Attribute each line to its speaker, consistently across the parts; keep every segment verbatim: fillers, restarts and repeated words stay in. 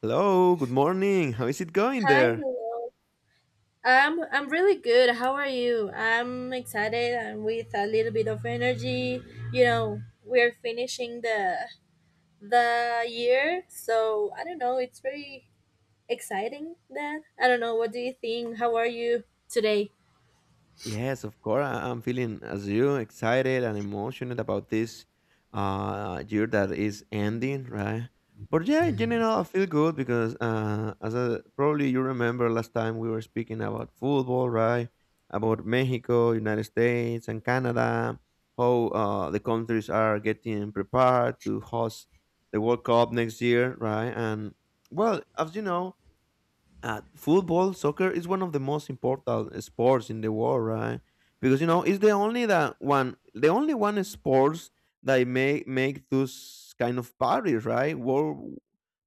Speaker 1: Hello, good morning. How is it going
Speaker 2: Hi,
Speaker 1: there?
Speaker 2: hello. I'm I'm really good. How are you? I'm excited, and with a little bit of energy. You know, we're finishing the the year, so I don't know. It's very exciting. That I don't know. What do you think? How are you today?
Speaker 1: Yes, of course. I- I'm feeling as you excited and emotional about this uh, year that is ending, right? But yeah, in general, I feel good because uh, as a, probably you remember last time we were speaking about football, right? About Mexico, United States, and Canada, how uh, the countries are getting prepared to host the World Cup next year, right? And well, as you know uh, football, soccer is one of the most important sports in the world, right? Because you know it's the only that one, the only one sports that may make those kind of parties, right? World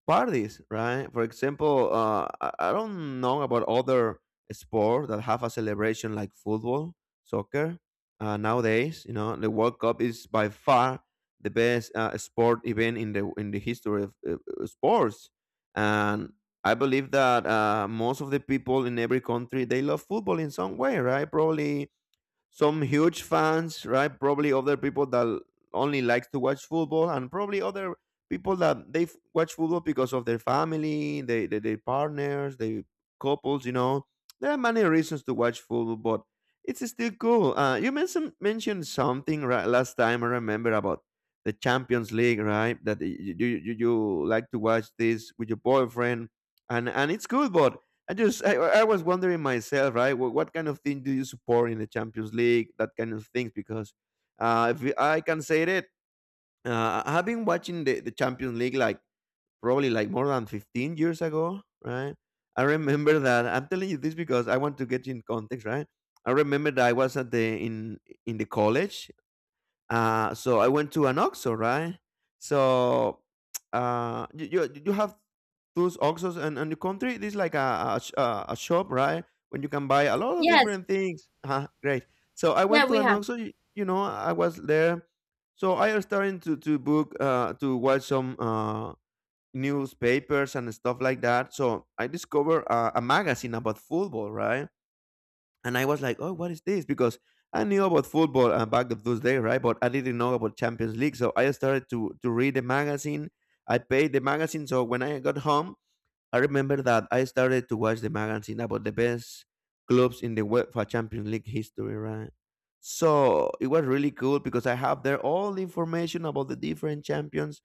Speaker 1: parties, right? For example, uh, I, I don't know about other sports that have a celebration like football, soccer. Uh, nowadays, you know, the World Cup is by far the best uh, sport event in the in the history of uh, uh, sports, and I believe that uh, most of the people in every country they love football in some way, right? Probably some huge fans, right? Probably other people that only likes to watch football, and probably other people that they f- watch football because of their family, they, they their partners, their couples. You know, there are many reasons to watch football, but it's still cool. Uh, you mentioned mentioned something right last time. I remember about the Champions League, right? That y- you you, you like to watch this with your boyfriend, and and it's good, but I just I, I was wondering myself, right? What, what kind of thing do you support in the Champions League? That kind of things, because uh, if we- I can say that uh, I've been watching the, the Champions League like probably like more than fifteen years ago, right? I remember that I'm telling you this because I want to get you in context, right? I remember that I was at the in in the college, uh, so I went to an oxo, right? So uh, you, you you have those oxos in, in the country. This is like a a, sh- a a shop, right? When you can buy a lot of
Speaker 2: Yes.
Speaker 1: different things. Uh, great. So I
Speaker 2: Yeah,
Speaker 1: went to
Speaker 2: we
Speaker 1: an
Speaker 2: have.
Speaker 1: oxo. You, you know, I was there. So I was starting to to book uh, to watch some uh, newspapers and stuff like that. So I discovered uh, a magazine about football, right? And I was like, "Oh, what is this?" Because I knew about football uh, back of those days, right? But I didn't know about Champions League, so I started to to read the magazine. I paid the magazine, so when I got home, I remember that I started to watch the magazine about the best clubs in the world for Champions League history, right? So it was really cool because I have there all the information about the different champions,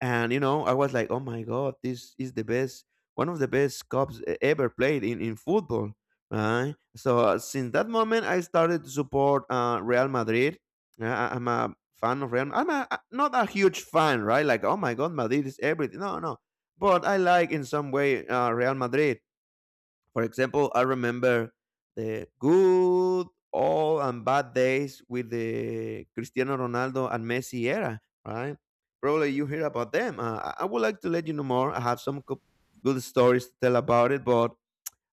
Speaker 1: and you know, I was like, oh my god, this is the best one of the best cups e- ever played in, in football, right? So uh, since that moment I started to support uh, Real Madrid. Yeah, I, I'm a fan of Real. I'm a, a- not a huge fan, right? Like oh my god, Madrid is everything, no, no, but I like in some way uh, Real Madrid. For example, I remember the good, all, and bad days with the Cristiano Ronaldo and Messi era, right? Probably you hear about them. Uh, I- I would like to let you know more. I have some co- good stories to tell about it, but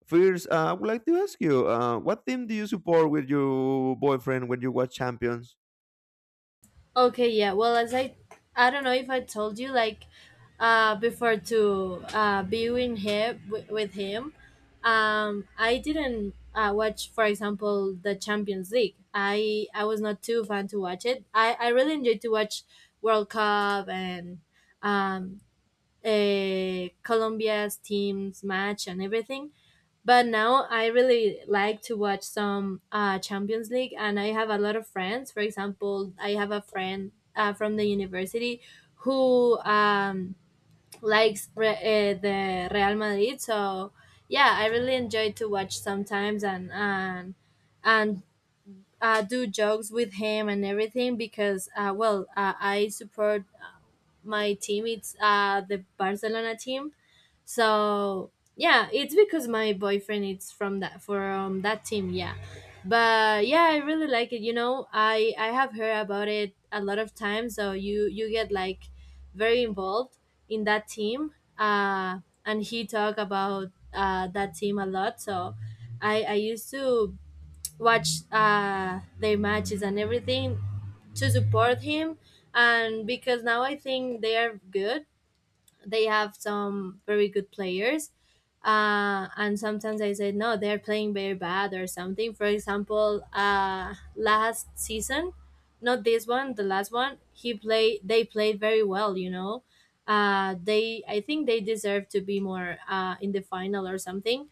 Speaker 1: first, uh, I would like to ask you, uh, what team do you support with your boyfriend when you watch Champions?
Speaker 2: Okay, yeah. Well, as I, I don't know if I told you, like, uh, before to uh be with him, wi- with him, um, I didn't uh watch, for example, the Champions League. I I was not too fan to watch it. I I really enjoyed to watch World Cup and um uh, Colombia's team's match and everything. But now I really like to watch some uh, Champions League, and I have a lot of friends. For example, I have a friend uh, from the university who, um, likes re- uh, the Real Madrid. So yeah, I really enjoy to watch sometimes, and and and uh, do jokes with him and everything because, uh, well, uh, I support my team. It's, uh, the Barcelona team. So yeah, it's because my boyfriend is from that from that team. Yeah, but yeah, I really like it. You know, I I have heard about it a lot of times. So you you get like very involved in that team. Uh, and he talk about uh that team a lot. So I I used to watch uh their matches and everything to support him, and because now I think they are good. They have some very good players, uh, and sometimes I say, no, they're playing very bad or something. For example, uh, last season, not this one, the last one he played, they played very well, you know. uh, they, I think they deserve to be more, uh, in the final or something,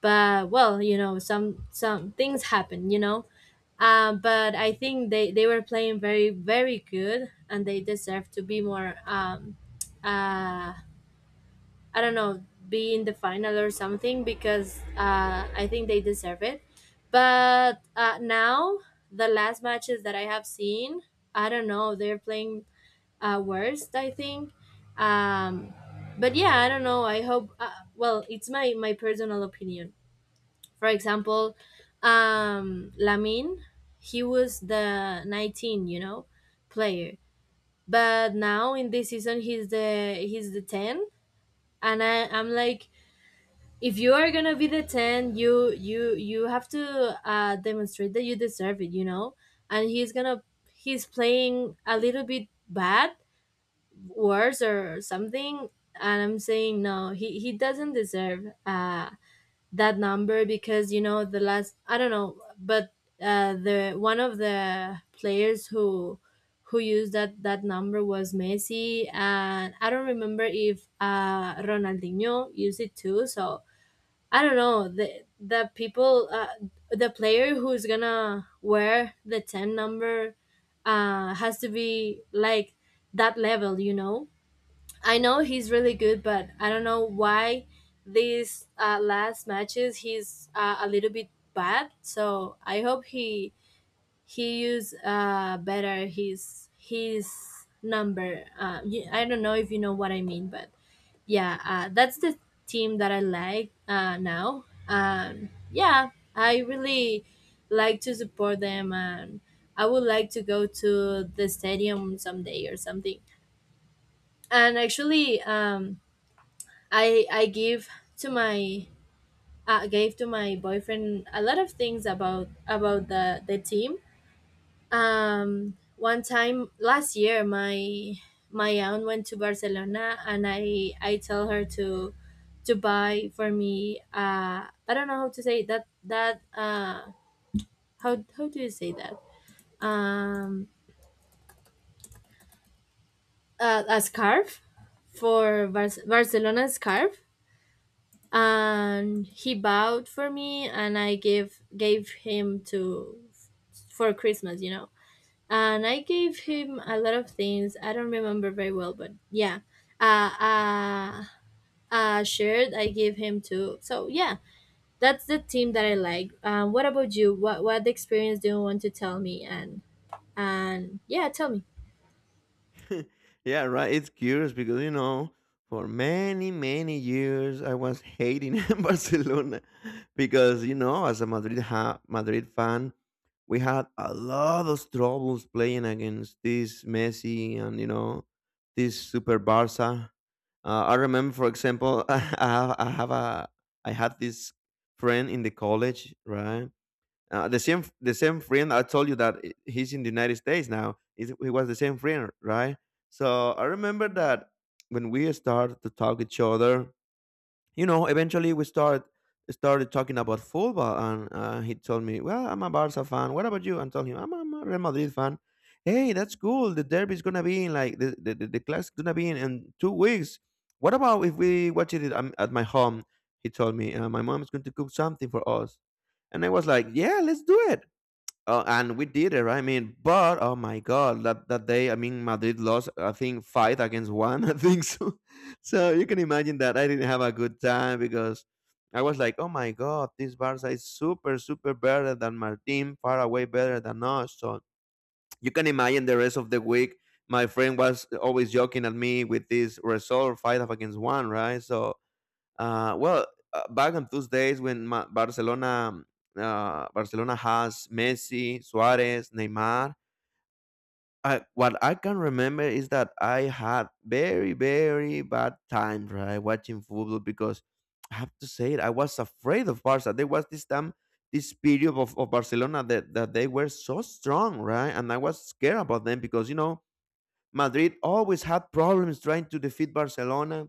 Speaker 2: but, well, you know, some some things happen, you know. um, but I think they, they were playing very, very good, and they deserve to be more, um, uh, I don't know, be in the final or something because, uh, I think they deserve it. But, uh, now, the last matches that I have seen, I don't know, they're playing, uh, worst, I think. Um, but yeah, I don't know. I hope, uh, well, it's my, my personal opinion. For example, um, Lamin, he was the nineteen, you know, player. But now in this season, he's the he's the ten. And I, I'm like, if you are gonna be the ten, you you you have to uh demonstrate that you deserve it, you know. And he's gonna he's playing a little bit bad, worse or something. And I'm saying, no, he he doesn't deserve uh that number, because, you know, the last I don't know, but uh the one of the players who who used that that number was Messi, and I don't remember if uh Ronaldinho used it too. So I don't know, the the people, uh, the player who's gonna wear the ten number, uh, has to be like that level, you know. I know he's really good, but I don't know why these, uh, last matches he's, uh, a little bit bad. So I hope he he use uh, better his his number. Uh, y- I don't know if you know what I mean, but yeah, uh, that's the team that I like, uh, now. um, yeah, I really like to support them, and I would like to go to the stadium someday or something. And actually, um, I I give to my uh, gave to my boyfriend a lot of things about about the the team. um one time last year, my my aunt went to Barcelona, and i i tell her to to buy for me, uh I don't know how to say that, that uh how how do you say that? Um uh, a scarf for Bar- Barcelona scarf. And he bowed for me, and i gave gave him to for Christmas, you know. And I gave him a lot of things. I don't remember very well, but yeah, uh, uh, uh shirt I gave him too. So yeah, that's the team that I like. Um, what about you? What what experience do you want to tell me? And and yeah, tell me.
Speaker 1: Yeah, right. It's curious because you know, for many many years I was hating Barcelona because you know, as a Madrid ha- Madrid fan, we had a lot of troubles playing against this Messi and you know this super Barca. Uh, I remember, for example, I have, I have a I had this friend in the college, right? Uh, the same the same friend I told you that i- he's in the United States now. He's- He was the same friend, right? So I remember that when we started to talk each other, you know, eventually we start started talking about football, and uh, he told me, "Well, I'm a Barca fan. What about you?" And told him, "I'm, a I'm a Real Madrid fan." Hey, that's cool. The derby's gonna be in like the the, the, the class gonna be in, in two weeks. What about if we watch it at, at my home? He told me, uh, "My mom is going to cook something for us," and I was like, "Yeah, let's do it." Uh, and we did it, right? I mean, but oh my god, that that day, I mean, Madrid lost. I think five against one. I think so. So you can imagine that I didn't have a good time because I was like, oh my god, this Barca is super, super better than my team, far away better than us. So you can imagine the rest of the week. My friend was always joking at me with this result, five against one, right? So uh, well, uh, back on those days when Ma- Barcelona uh, Barcelona has Messi, Suarez, Neymar. I, what I can remember is that I had very very bad times, right, watching football because I have to say it, I was afraid of Barca. There was this time, this period of, of Barcelona that, that they were so strong, right? And I was scared about them because you know Madrid always had problems trying to defeat Barcelona,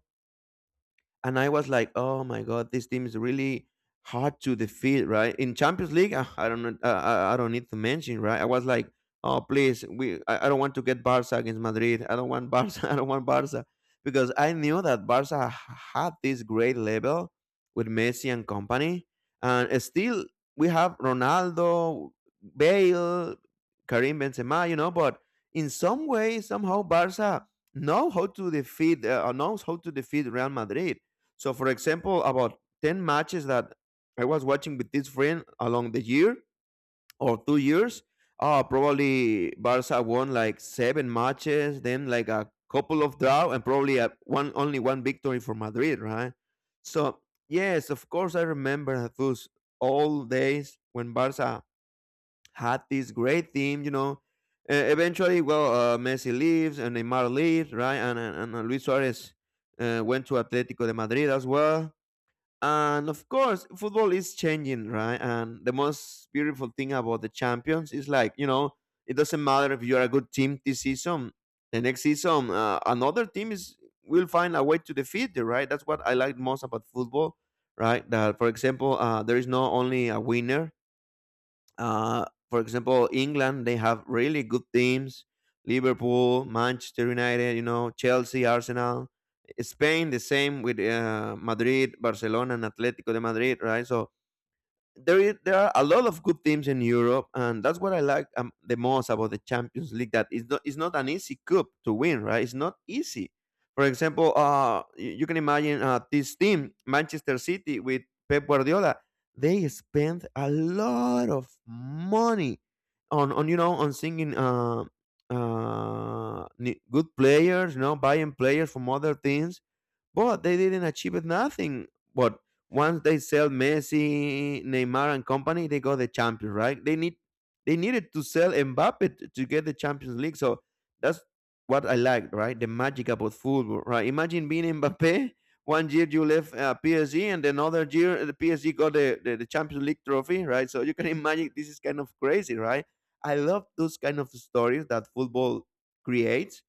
Speaker 1: and I was like, "Oh my god, this team is really hard to defeat, right?" In Champions League, ah, I don't know, uh, I I don't need to mention, right? I was like, "Oh please, we I, I don't want to get Barca against Madrid. I don't want Barca. I don't want Barca," because I knew that Barca h- had this great level with Messi and company, and still we have Ronaldo, Bale, Karim Benzema, you know, but in some way, somehow, Barca know how to defeat, uh, knows how to defeat Real Madrid. So, for example, about ten matches that I was watching with this friend along the year or two years, uh, probably Barca won like seven matches, then like a couple of draw, and probably a one only one victory for Madrid, right? So, yes, of course, I remember those old days when Barca had this great team, you know. Uh, eventually, well, uh, Messi leaves and Neymar leaves, right? And, and, and Luis Suarez uh, went to Atletico de Madrid as well. And of course, football is changing, right? And the most beautiful thing about the champions is like, you know, it doesn't matter if you're a good team this season, the next season, uh, another team is will find a way to defeat you, right? That's what I like most about football, right? That, for example, uh, there is not only a winner, uh, for example, England, they have really good teams. Liverpool, Manchester United, you know, Chelsea, Arsenal. Spain, the same with uh, Madrid, Barcelona, and Atletico de Madrid, right? So there is, there are a lot of good teams in Europe, and that's what I like um, the most about the Champions League. That it's not it's not an easy cup to win, right? It's not easy. For example, uh, y- you can imagine uh, this team, Manchester City, with Pep Guardiola. They spend a lot of money on on you know, on singing uh, uh, ni- good players, you know, buying players from other teams, but they didn't achieve nothing. But once they sell Messi, Neymar, and company, they got the champions, right? They need they needed to sell Mbappe t- to get the Champions League. So that's what I liked, right? The magic about football, right? Imagine being Mbappe. One year you left uh, P S G, and another year the P S G got the, the, the Champions League trophy, right? So you can imagine this is kind of crazy, right? I love those kind of stories that football creates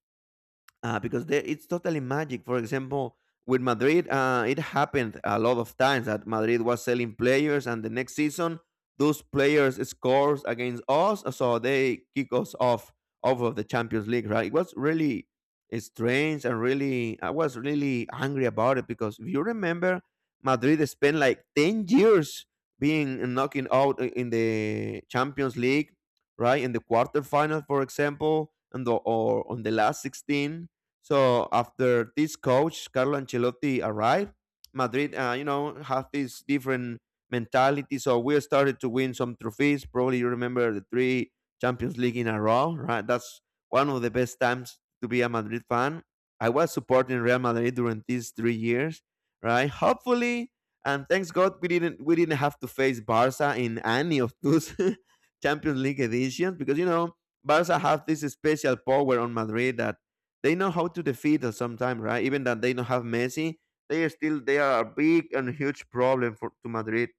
Speaker 1: uh, because there, it's totally magic. For example, with Madrid, uh, it happened a lot of times that Madrid was selling players, and the next season those players scores against us, so they kick us off off of the Champions League. Right? It was really strange and really I was really angry about it because if you remember, Madrid spent like ten years being knocking out in the Champions League, right? In the quarterfinal, for example, and the, or on the last sixteen. So after this coach Carlo Ancelotti arrived, Madrid, uh, you know, have this different mentality. So we started to win some trophies. Probably you remember the three Champions League in a row, right? That's one of the best times to be a Madrid fan. I was supporting Real Madrid during these three years, right? Hopefully, and thanks God we didn't we didn't have to face Barca in any of those Champions League editions because you know Barca have this special power on Madrid that they know how to defeat us sometimes, right? Even that they don't have Messi, they are still they are a big and huge problem for to Madrid.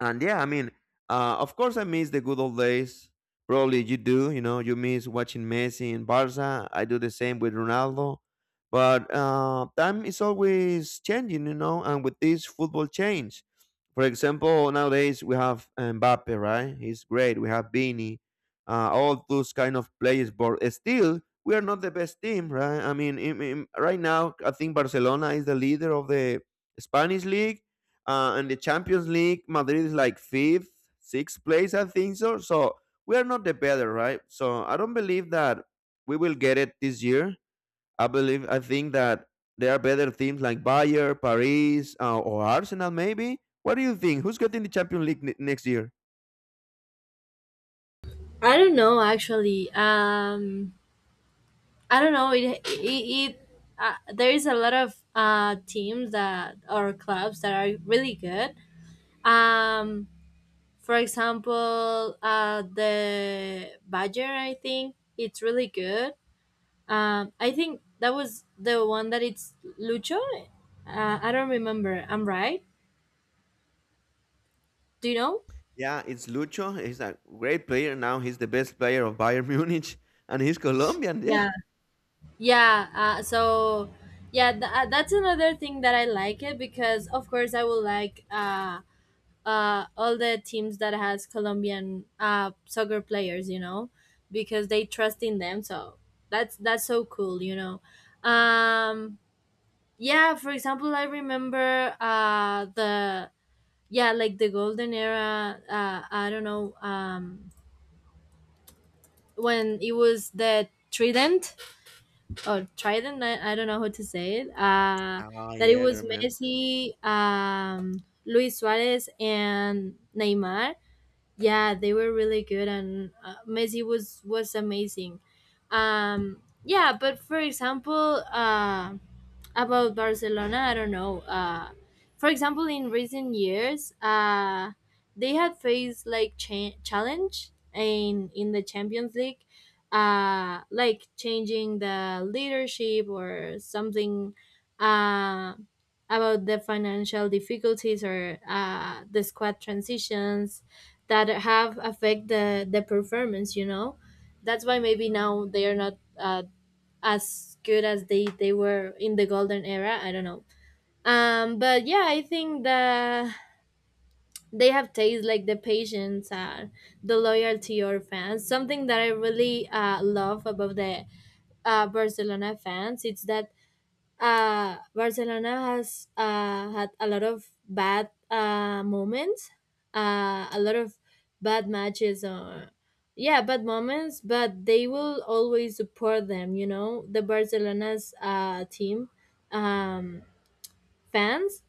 Speaker 1: And yeah, I mean, uh, of course I miss the good old days. Probably you do, you know, you miss watching Messi and Barca. I do the same with Ronaldo. But uh, time is always changing, you know, and with this football change. For example, nowadays we have Mbappe, right? He's great. We have Vini, uh, all those kind of players. But still, we are not the best team, right? I mean, in, in- right now, I think Barcelona is the leader of the Spanish league, uh, and the Champions League, Madrid is like fifth, sixth place, I think so. So we are not the better, right? So I don't believe that we will get it this year. I believe, I think that there are better teams like Bayern, Paris, uh, or Arsenal, maybe. What do you think? Who's getting the Champions League ne- next year?
Speaker 2: I don't know actually. Um, I don't know. It it, it uh, there is a lot of uh teams that, or clubs that are really good. Um, For example, uh, the Badger, I think it's really good. Um, I think that was the one that it's Lucho. Uh, I don't remember. I'm right. Do you know?
Speaker 1: Yeah, it's Lucho. He's a great player now. He's the best player of Bayern Munich, and he's Colombian. Yeah.
Speaker 2: Yeah. Yeah. Uh, so, yeah, th- uh, that's another thing that I like it, because, of course, I will like, uh, uh, all the teams that has Colombian, uh, soccer players, you know, because they trust in them. So that's that's so cool, you know. Um, yeah, for example, I remember uh the, yeah, like the golden era, uh I don't know. um when it was the trident or trident, i, I don't know how to say it, uh
Speaker 1: Ah,
Speaker 2: that it
Speaker 1: yeah, I
Speaker 2: was
Speaker 1: remember.
Speaker 2: Messi, um Luis Suarez, and Neymar. Yeah, they were really good, and, uh, Messi was was amazing. Um, yeah, but for example, uh, about Barcelona, I don't know. Uh, for example, in recent years, uh, they had faced, like, cha- challenge in in the Champions League, uh, like changing the leadership or something. Uh, about the financial difficulties or, uh, the squad transitions that have affect the the performance, you know. That's why maybe now they are not, uh, as good as they they were in the golden era, I don't know. um but yeah, I think that they have taste, like the patience and the loyalty or fans, something that I really, uh, love about the, uh, Barcelona fans. It's that, uh, Barcelona has, uh, had a lot of bad, uh, moments, uh, a lot of bad matches, or yeah, bad moments. But they will always support them. You know, the Barcelona's, uh, team, um, fans,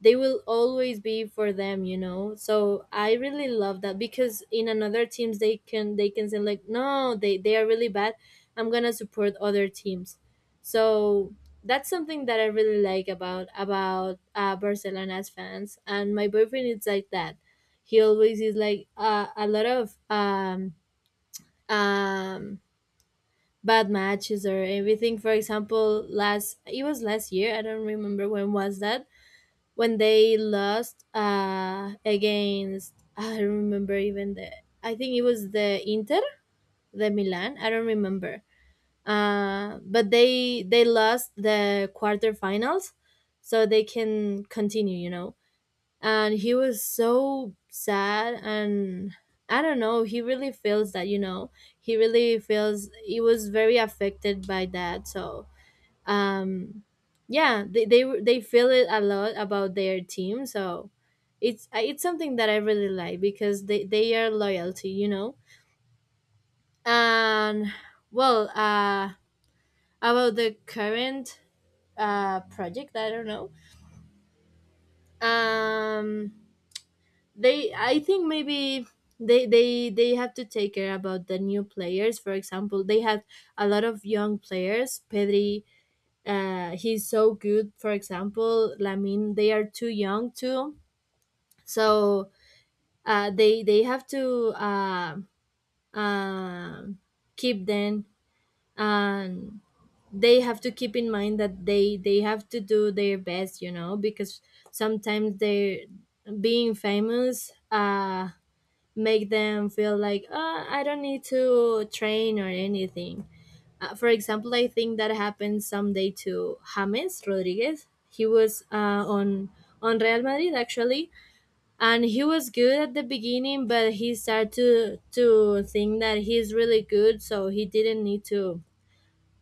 Speaker 2: they will always be for them, you know. So I really love that, because in another teams, they can they can say like, no, they they are really bad, I'm gonna support other teams. So that's something that I really like about about uh, Barcelona's fans. And my boyfriend is like that. He always is like, uh, a lot of um um bad matches or everything. For example, last it was last year, I don't remember when was that, when they lost, uh, against, I don't remember even the, I think it was the Inter, the Milan. I don't remember. Uh, but they they lost the quarterfinals, so they can continue. You know, and he was so sad and. I don't know. He really feels that, you know. He really feels he was very affected by that. So, um yeah, they they, they feel it a lot about their team. So it's it's something that I really like, because they they are loyalty, you know. And, well, uh about the current, uh project, I don't know. um they, I think maybe they they they have to take care about the new players. For example, they had a lot of young players, Pedri, uh, he's so good. For example, I mean, they are too young too, so, uh, they they have to, uh, um keep them, and they have to keep in mind that they they have to do their best, you know, because sometimes they, being famous, uh, make them feel like, oh, I don't need to train or anything. Uh, for example, I think that happened someday to James Rodriguez. He was, uh, on on Real Madrid actually, and he was good at the beginning, but he started to to think that he's really good, so he didn't need to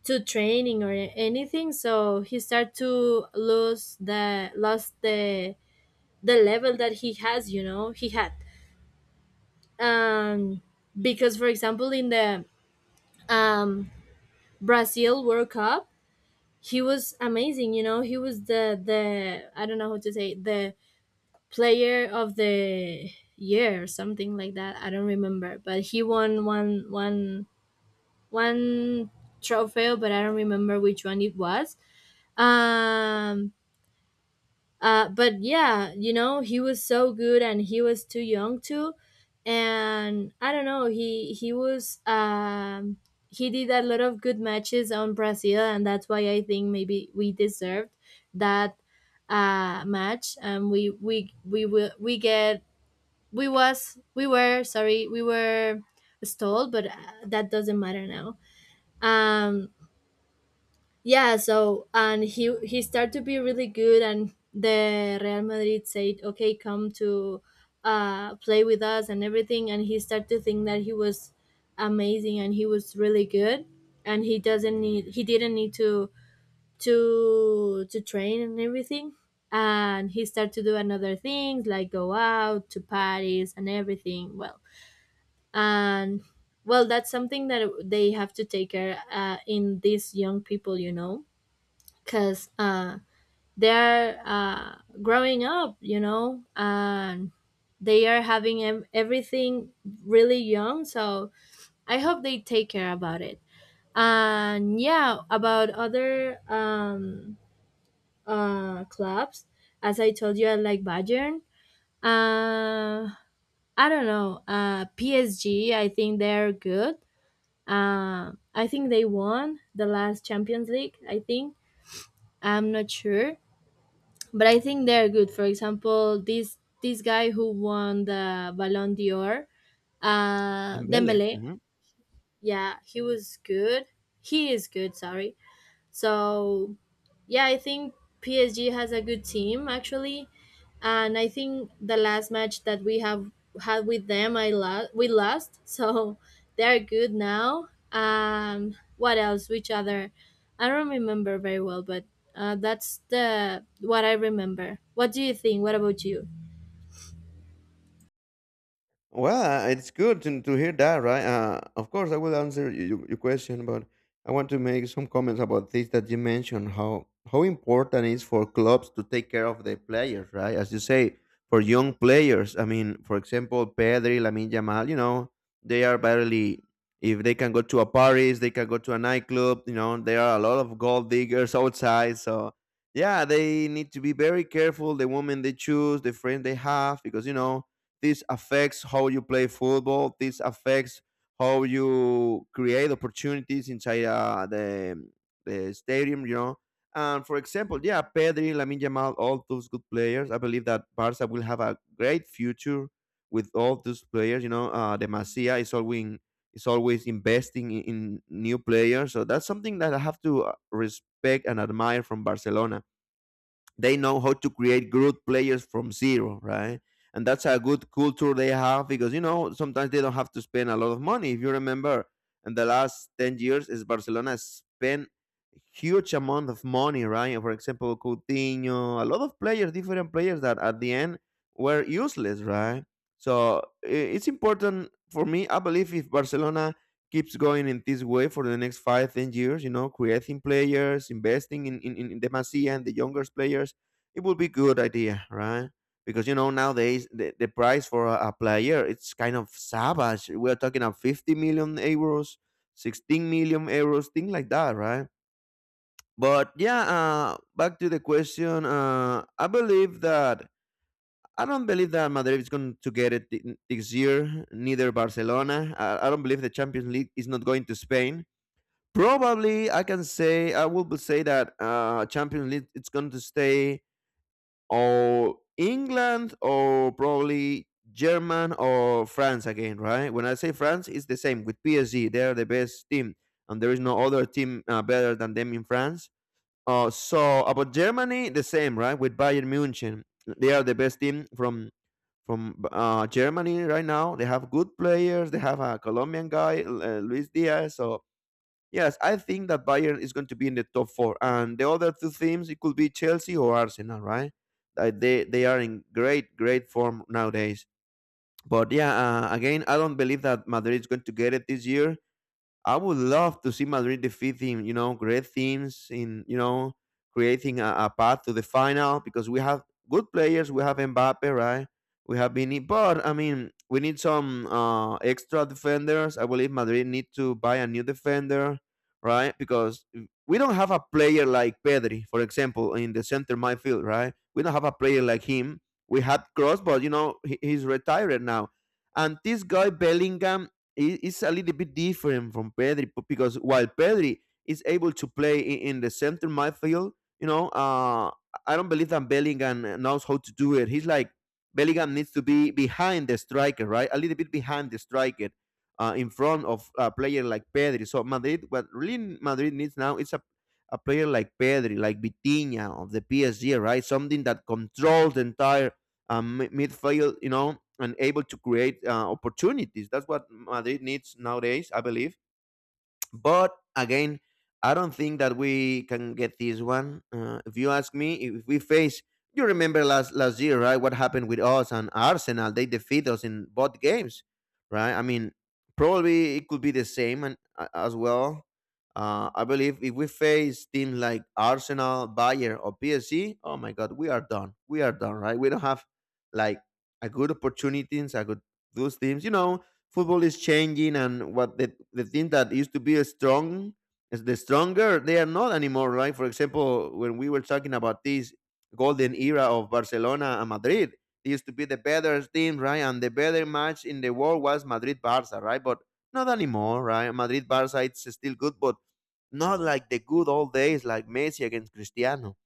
Speaker 2: to training or anything. So he started to lose the, lost the the level that he has, you know, he had. um because for example in the, um Brazil World Cup he was amazing, you know. He was the the I don't know how to say it, the player of the year or something like that, I don't remember, but he won one one one trophy, but I don't remember which one it was. um uh, but yeah, you know, he was so good and he was too young too. And I don't know, he he was, um he did a lot of good matches on Brazil, and that's why I think maybe we deserved that, uh match, and we we we will, we get, we was, we were sorry, we were stalled, but, uh, that doesn't matter now. Um yeah, so and he he started to be really good, and the Real Madrid said, "Okay, come to, uh, play with us and everything." And he started to think that he was amazing and he was really good, and he doesn't need, he didn't need to to to train and everything. And he started to do another things like go out to parties and everything. Well, and well, that's something that they have to take care, uh, in these young people, you know, because, uh, they're, uh, growing up, you know, and they are having em- everything really young. So I hope they take care about it. And yeah, about other, um, uh, clubs, as I told you, I like Bayern. Uh, I don't know. Uh, P S G, I think they're good. Uh, I think they won the last Champions League, I think. I'm not sure, but I think they're good. For example, this this guy who won the Ballon d'Or, uh,
Speaker 1: Dembele.
Speaker 2: Dembele.
Speaker 1: Mhm.
Speaker 2: Yeah, he was good. He is good. Sorry. So, yeah, I think P S G has a good team, actually, and I think the last match that we have had with them, I lo- we lost, so they're good now. Um, what else? Which other? I don't remember very well, but, uh, that's the what I remember. What do you think? What about you?
Speaker 1: Well, uh, it's good to, to hear that, right? Uh, of course, I will answer your, your question, but I want to make some comments about this that you mentioned how how important it is for clubs to take care of their players, right? As you say, for young players, I mean, for example, Pedri, Lamine Yamal, you know, they are barely if they can go to a Paris, they can go to a nightclub. You know, there are a lot of gold diggers outside, so yeah, they need to be very careful. The women they choose, the friends they have, because you know this affects how you play football. This affects how you create opportunities inside uh, the the stadium. You know, and for example, yeah, Pedri, Lamine Yamal, all those good players. I believe that Barca will have a great future with all those players. You know, uh, the Masia is always is always investing in, in new players. So that's something that I have to uh, respect and admire from Barcelona. They know how to create good players from zero, right? And that's a good culture they have because you know sometimes they don't have to spend a lot of money. If you remember, in the last ten years, is Barcelona spent huge amount of money, right? For example, Coutinho, a lot of players, different players that at the end were useless, right? So i- it's important for me. I believe if Barcelona keeps going in this way for the next five, ten years, you know, creating players, investing in, in, in the Masia and the younger players, it would be good idea, right? Because you know nowadays the, the price for a, a player it's kind of savage. We're talking of fifty million euros, sixteen million euros, things like that, right? But yeah, uh, back to the question. Uh, I believe that I don't believe that Madrid is going to get it thi- this year. Neither Barcelona. I, I don't believe the Champions League is not going to Spain. Probably, I can say I will say that uh, Champions League it's going to stay or England or probably German or France again, right? When I say France, it's the same with P S G. They are the best team, and there is no other team uh, better than them in France. Uh, so about Germany, the same, right? With Bayern Munich, they are the best team from from uh, Germany right now. They have good players. They have a Colombian guy, uh, Luis Diaz. So yes, I think that Bayern is going to be in the top four, and the other two teams it could be Chelsea or Arsenal, right? Uh, They they are in great great form nowadays. But yeah, uh, again, I don't believe that Madrid is going to get it this year. I would love to see Madrid defeating, you know, great teams in, you know, creating a, a path to the final because we have good players. We have Mbappe, right? We have Vini, but I mean, we need some uh, extra defenders. I believe Madrid need to buy a new defender, right? Because we don't have a player like Pedri, for example, in the center midfield, right? We don't have a player like him. We had Cross, but you know he, he's retired now. And this guy Bellingham i- is a little bit different from Pedri p- because while Pedri is able to play i- in the center midfield, you know, uh, I don't believe that Bellingham knows how to do it. He's like Bellingham needs to be behind the striker, right? A little bit behind the striker, uh, in front of a player like Pedri. So Madrid, what really Madrid needs now is a a player like Pedri, like Vitinha of the P S G, right? Something that controls the entire um, midfield, you know, and able to create uh, opportunities. That's what Madrid needs nowadays, I believe. But again, I don't think that we can get this one. Uh, if you ask me, if we face, you remember last last year, right? What happened with us and Arsenal? They defeat us in both games, right? I mean, probably it could be the same and a- as well. Uh, I believe if we face teams like Arsenal, Bayer, or P S G, oh my God, we are done. We are done, right? We don't have like a good opportunities, a good those teams. You know, football is changing, and what the, the thing that used to be a strong is the stronger, they are not anymore, right? For example, when we were talking about this golden era of Barcelona and Madrid, it used to be the better team, right? And the better match in the world was Madrid Barça, right? But not anymore, right? Madrid Barça, it's still good, but not like the good old days, like Messi against Cristiano.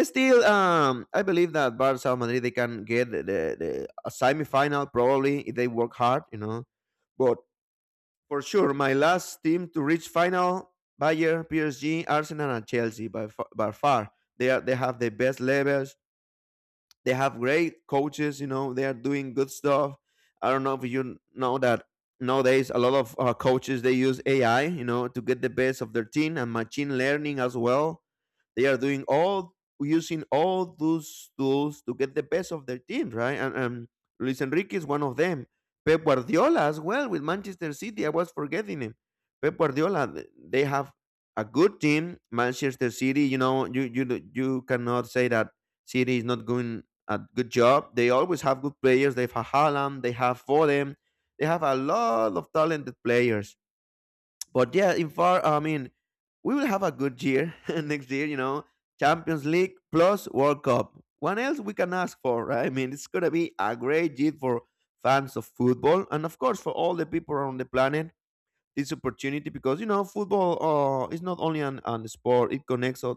Speaker 1: Still, um, I believe that Barca Madrid they can get the, the, the a semi-final probably if they work hard, you know. But for sure, my last team to reach final: Bayern, P S G, Arsenal, and Chelsea by far, by far. They are they have the best levels. They have great coaches, you know. They are doing good stuff. I don't know if you know that nowadays a lot of uh, coaches they use A I, you know, to get the best of their team and machine learning as well. They are doing all using all those tools to get the best of their team, right? And, and Luis Enrique is one of them. Pep Guardiola as well with Manchester City. I was forgetting him. Pep Guardiola. th- They have a good team. Manchester City. You know, you you do- you cannot say that City is not doing a good job. They always have good players. They have Haaland. They have Foden. They have a lot of talented players. But yeah, in far, I mean, we will have a good year next year. You know, Champions League plus World Cup. What else we can ask for, right? I mean, it's gonna be a great year for fans of football and of course for all the people around the planet. This opportunity because you know football uh, is not only an, an sport; it connects us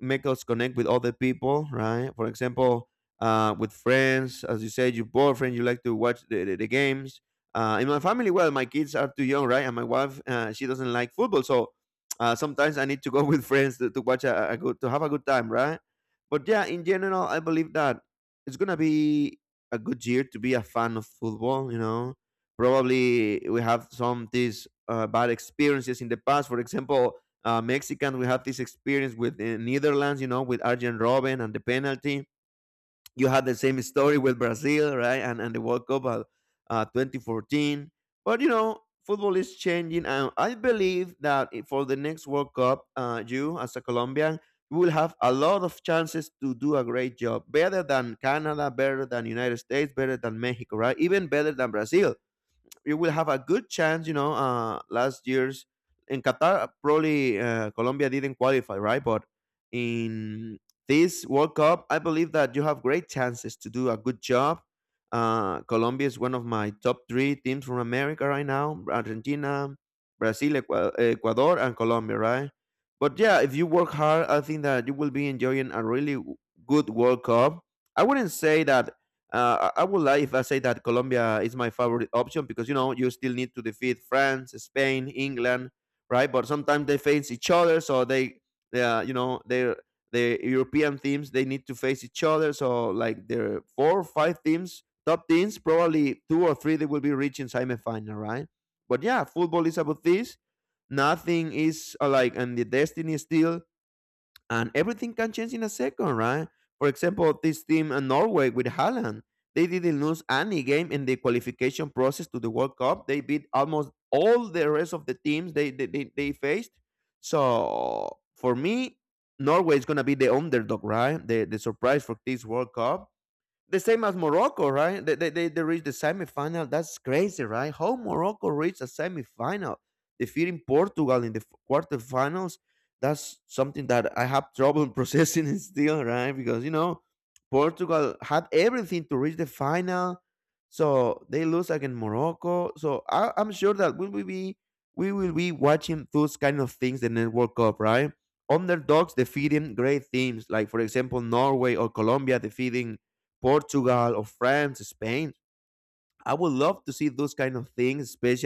Speaker 1: make us connect with other people, right? For example, uh, with friends, as you said, your boyfriend, you like to watch the, the, the games. Uh, in my family, well, my kids are too young, right? And my wife, uh, she doesn't like football, so uh, sometimes I need to go with friends to, to watch a, a good to have a good time, right? But yeah, in general, I believe that it's gonna be a good year to be a fan of football. You know, probably we have some of these uh, bad experiences in the past. For example, uh, Mexican, we have this experience with the Netherlands, you know, with Arjen Robben and the penalty. You had the same story with Brazil, right? And and the World Cup uh, uh, twenty fourteen. But you know, football is changing, and I believe that i- for the next World Cup, uh, you as a Colombian you will have a lot of chances to do a great job, better than Canada, better than United States, better than Mexico, right? Even better than Brazil, you will have a good chance. You know, uh, last year's in Qatar, probably uh, Colombia didn't qualify, right? But in this World Cup, I believe that you have great chances to do a good job. Uh, Colombia is one of my top three teams from America right now: Argentina, Brazil, Equa- Ecuador, and Colombia, right? But yeah, if you work hard, I think that you will be enjoying a really w- good World Cup. I wouldn't say that uh, I I would lie if I say that Colombia is my favorite option because you know you still need to defeat France, Spain, England, right? But sometimes they face each other, so they, they are, you know, they the European teams they need to face each other. So like there are four or five teams, top teams, probably two or three they will be reaching semifinal, right? But yeah, football is about this. Nothing is uh, like and the destiny still and everything can change in a second, right? For example, this team in Norway with Haaland, they didn't lose any game in the qualification process to the World Cup. They beat almost all the rest of the teams they they, they, they faced. So for me, Norway is gonna be the underdog, right? The the surprise for this World Cup. The same as Morocco, right? They, they, they, they reached the semifinal. That's crazy, right? How Morocco reached a semifinal, defeating Portugal in the f- quarterfinals. That's something that I have trouble processing still, right? Because, you know, Portugal had everything to reach the final. So they lose against Morocco. So I, I'm sure that we will be we will be watching those kind of things in the next World Cup, right? Underdogs defeating great teams, like for example Norway or Colombia defeating Portugal or France, Spain. I would love to see those kind of things, especially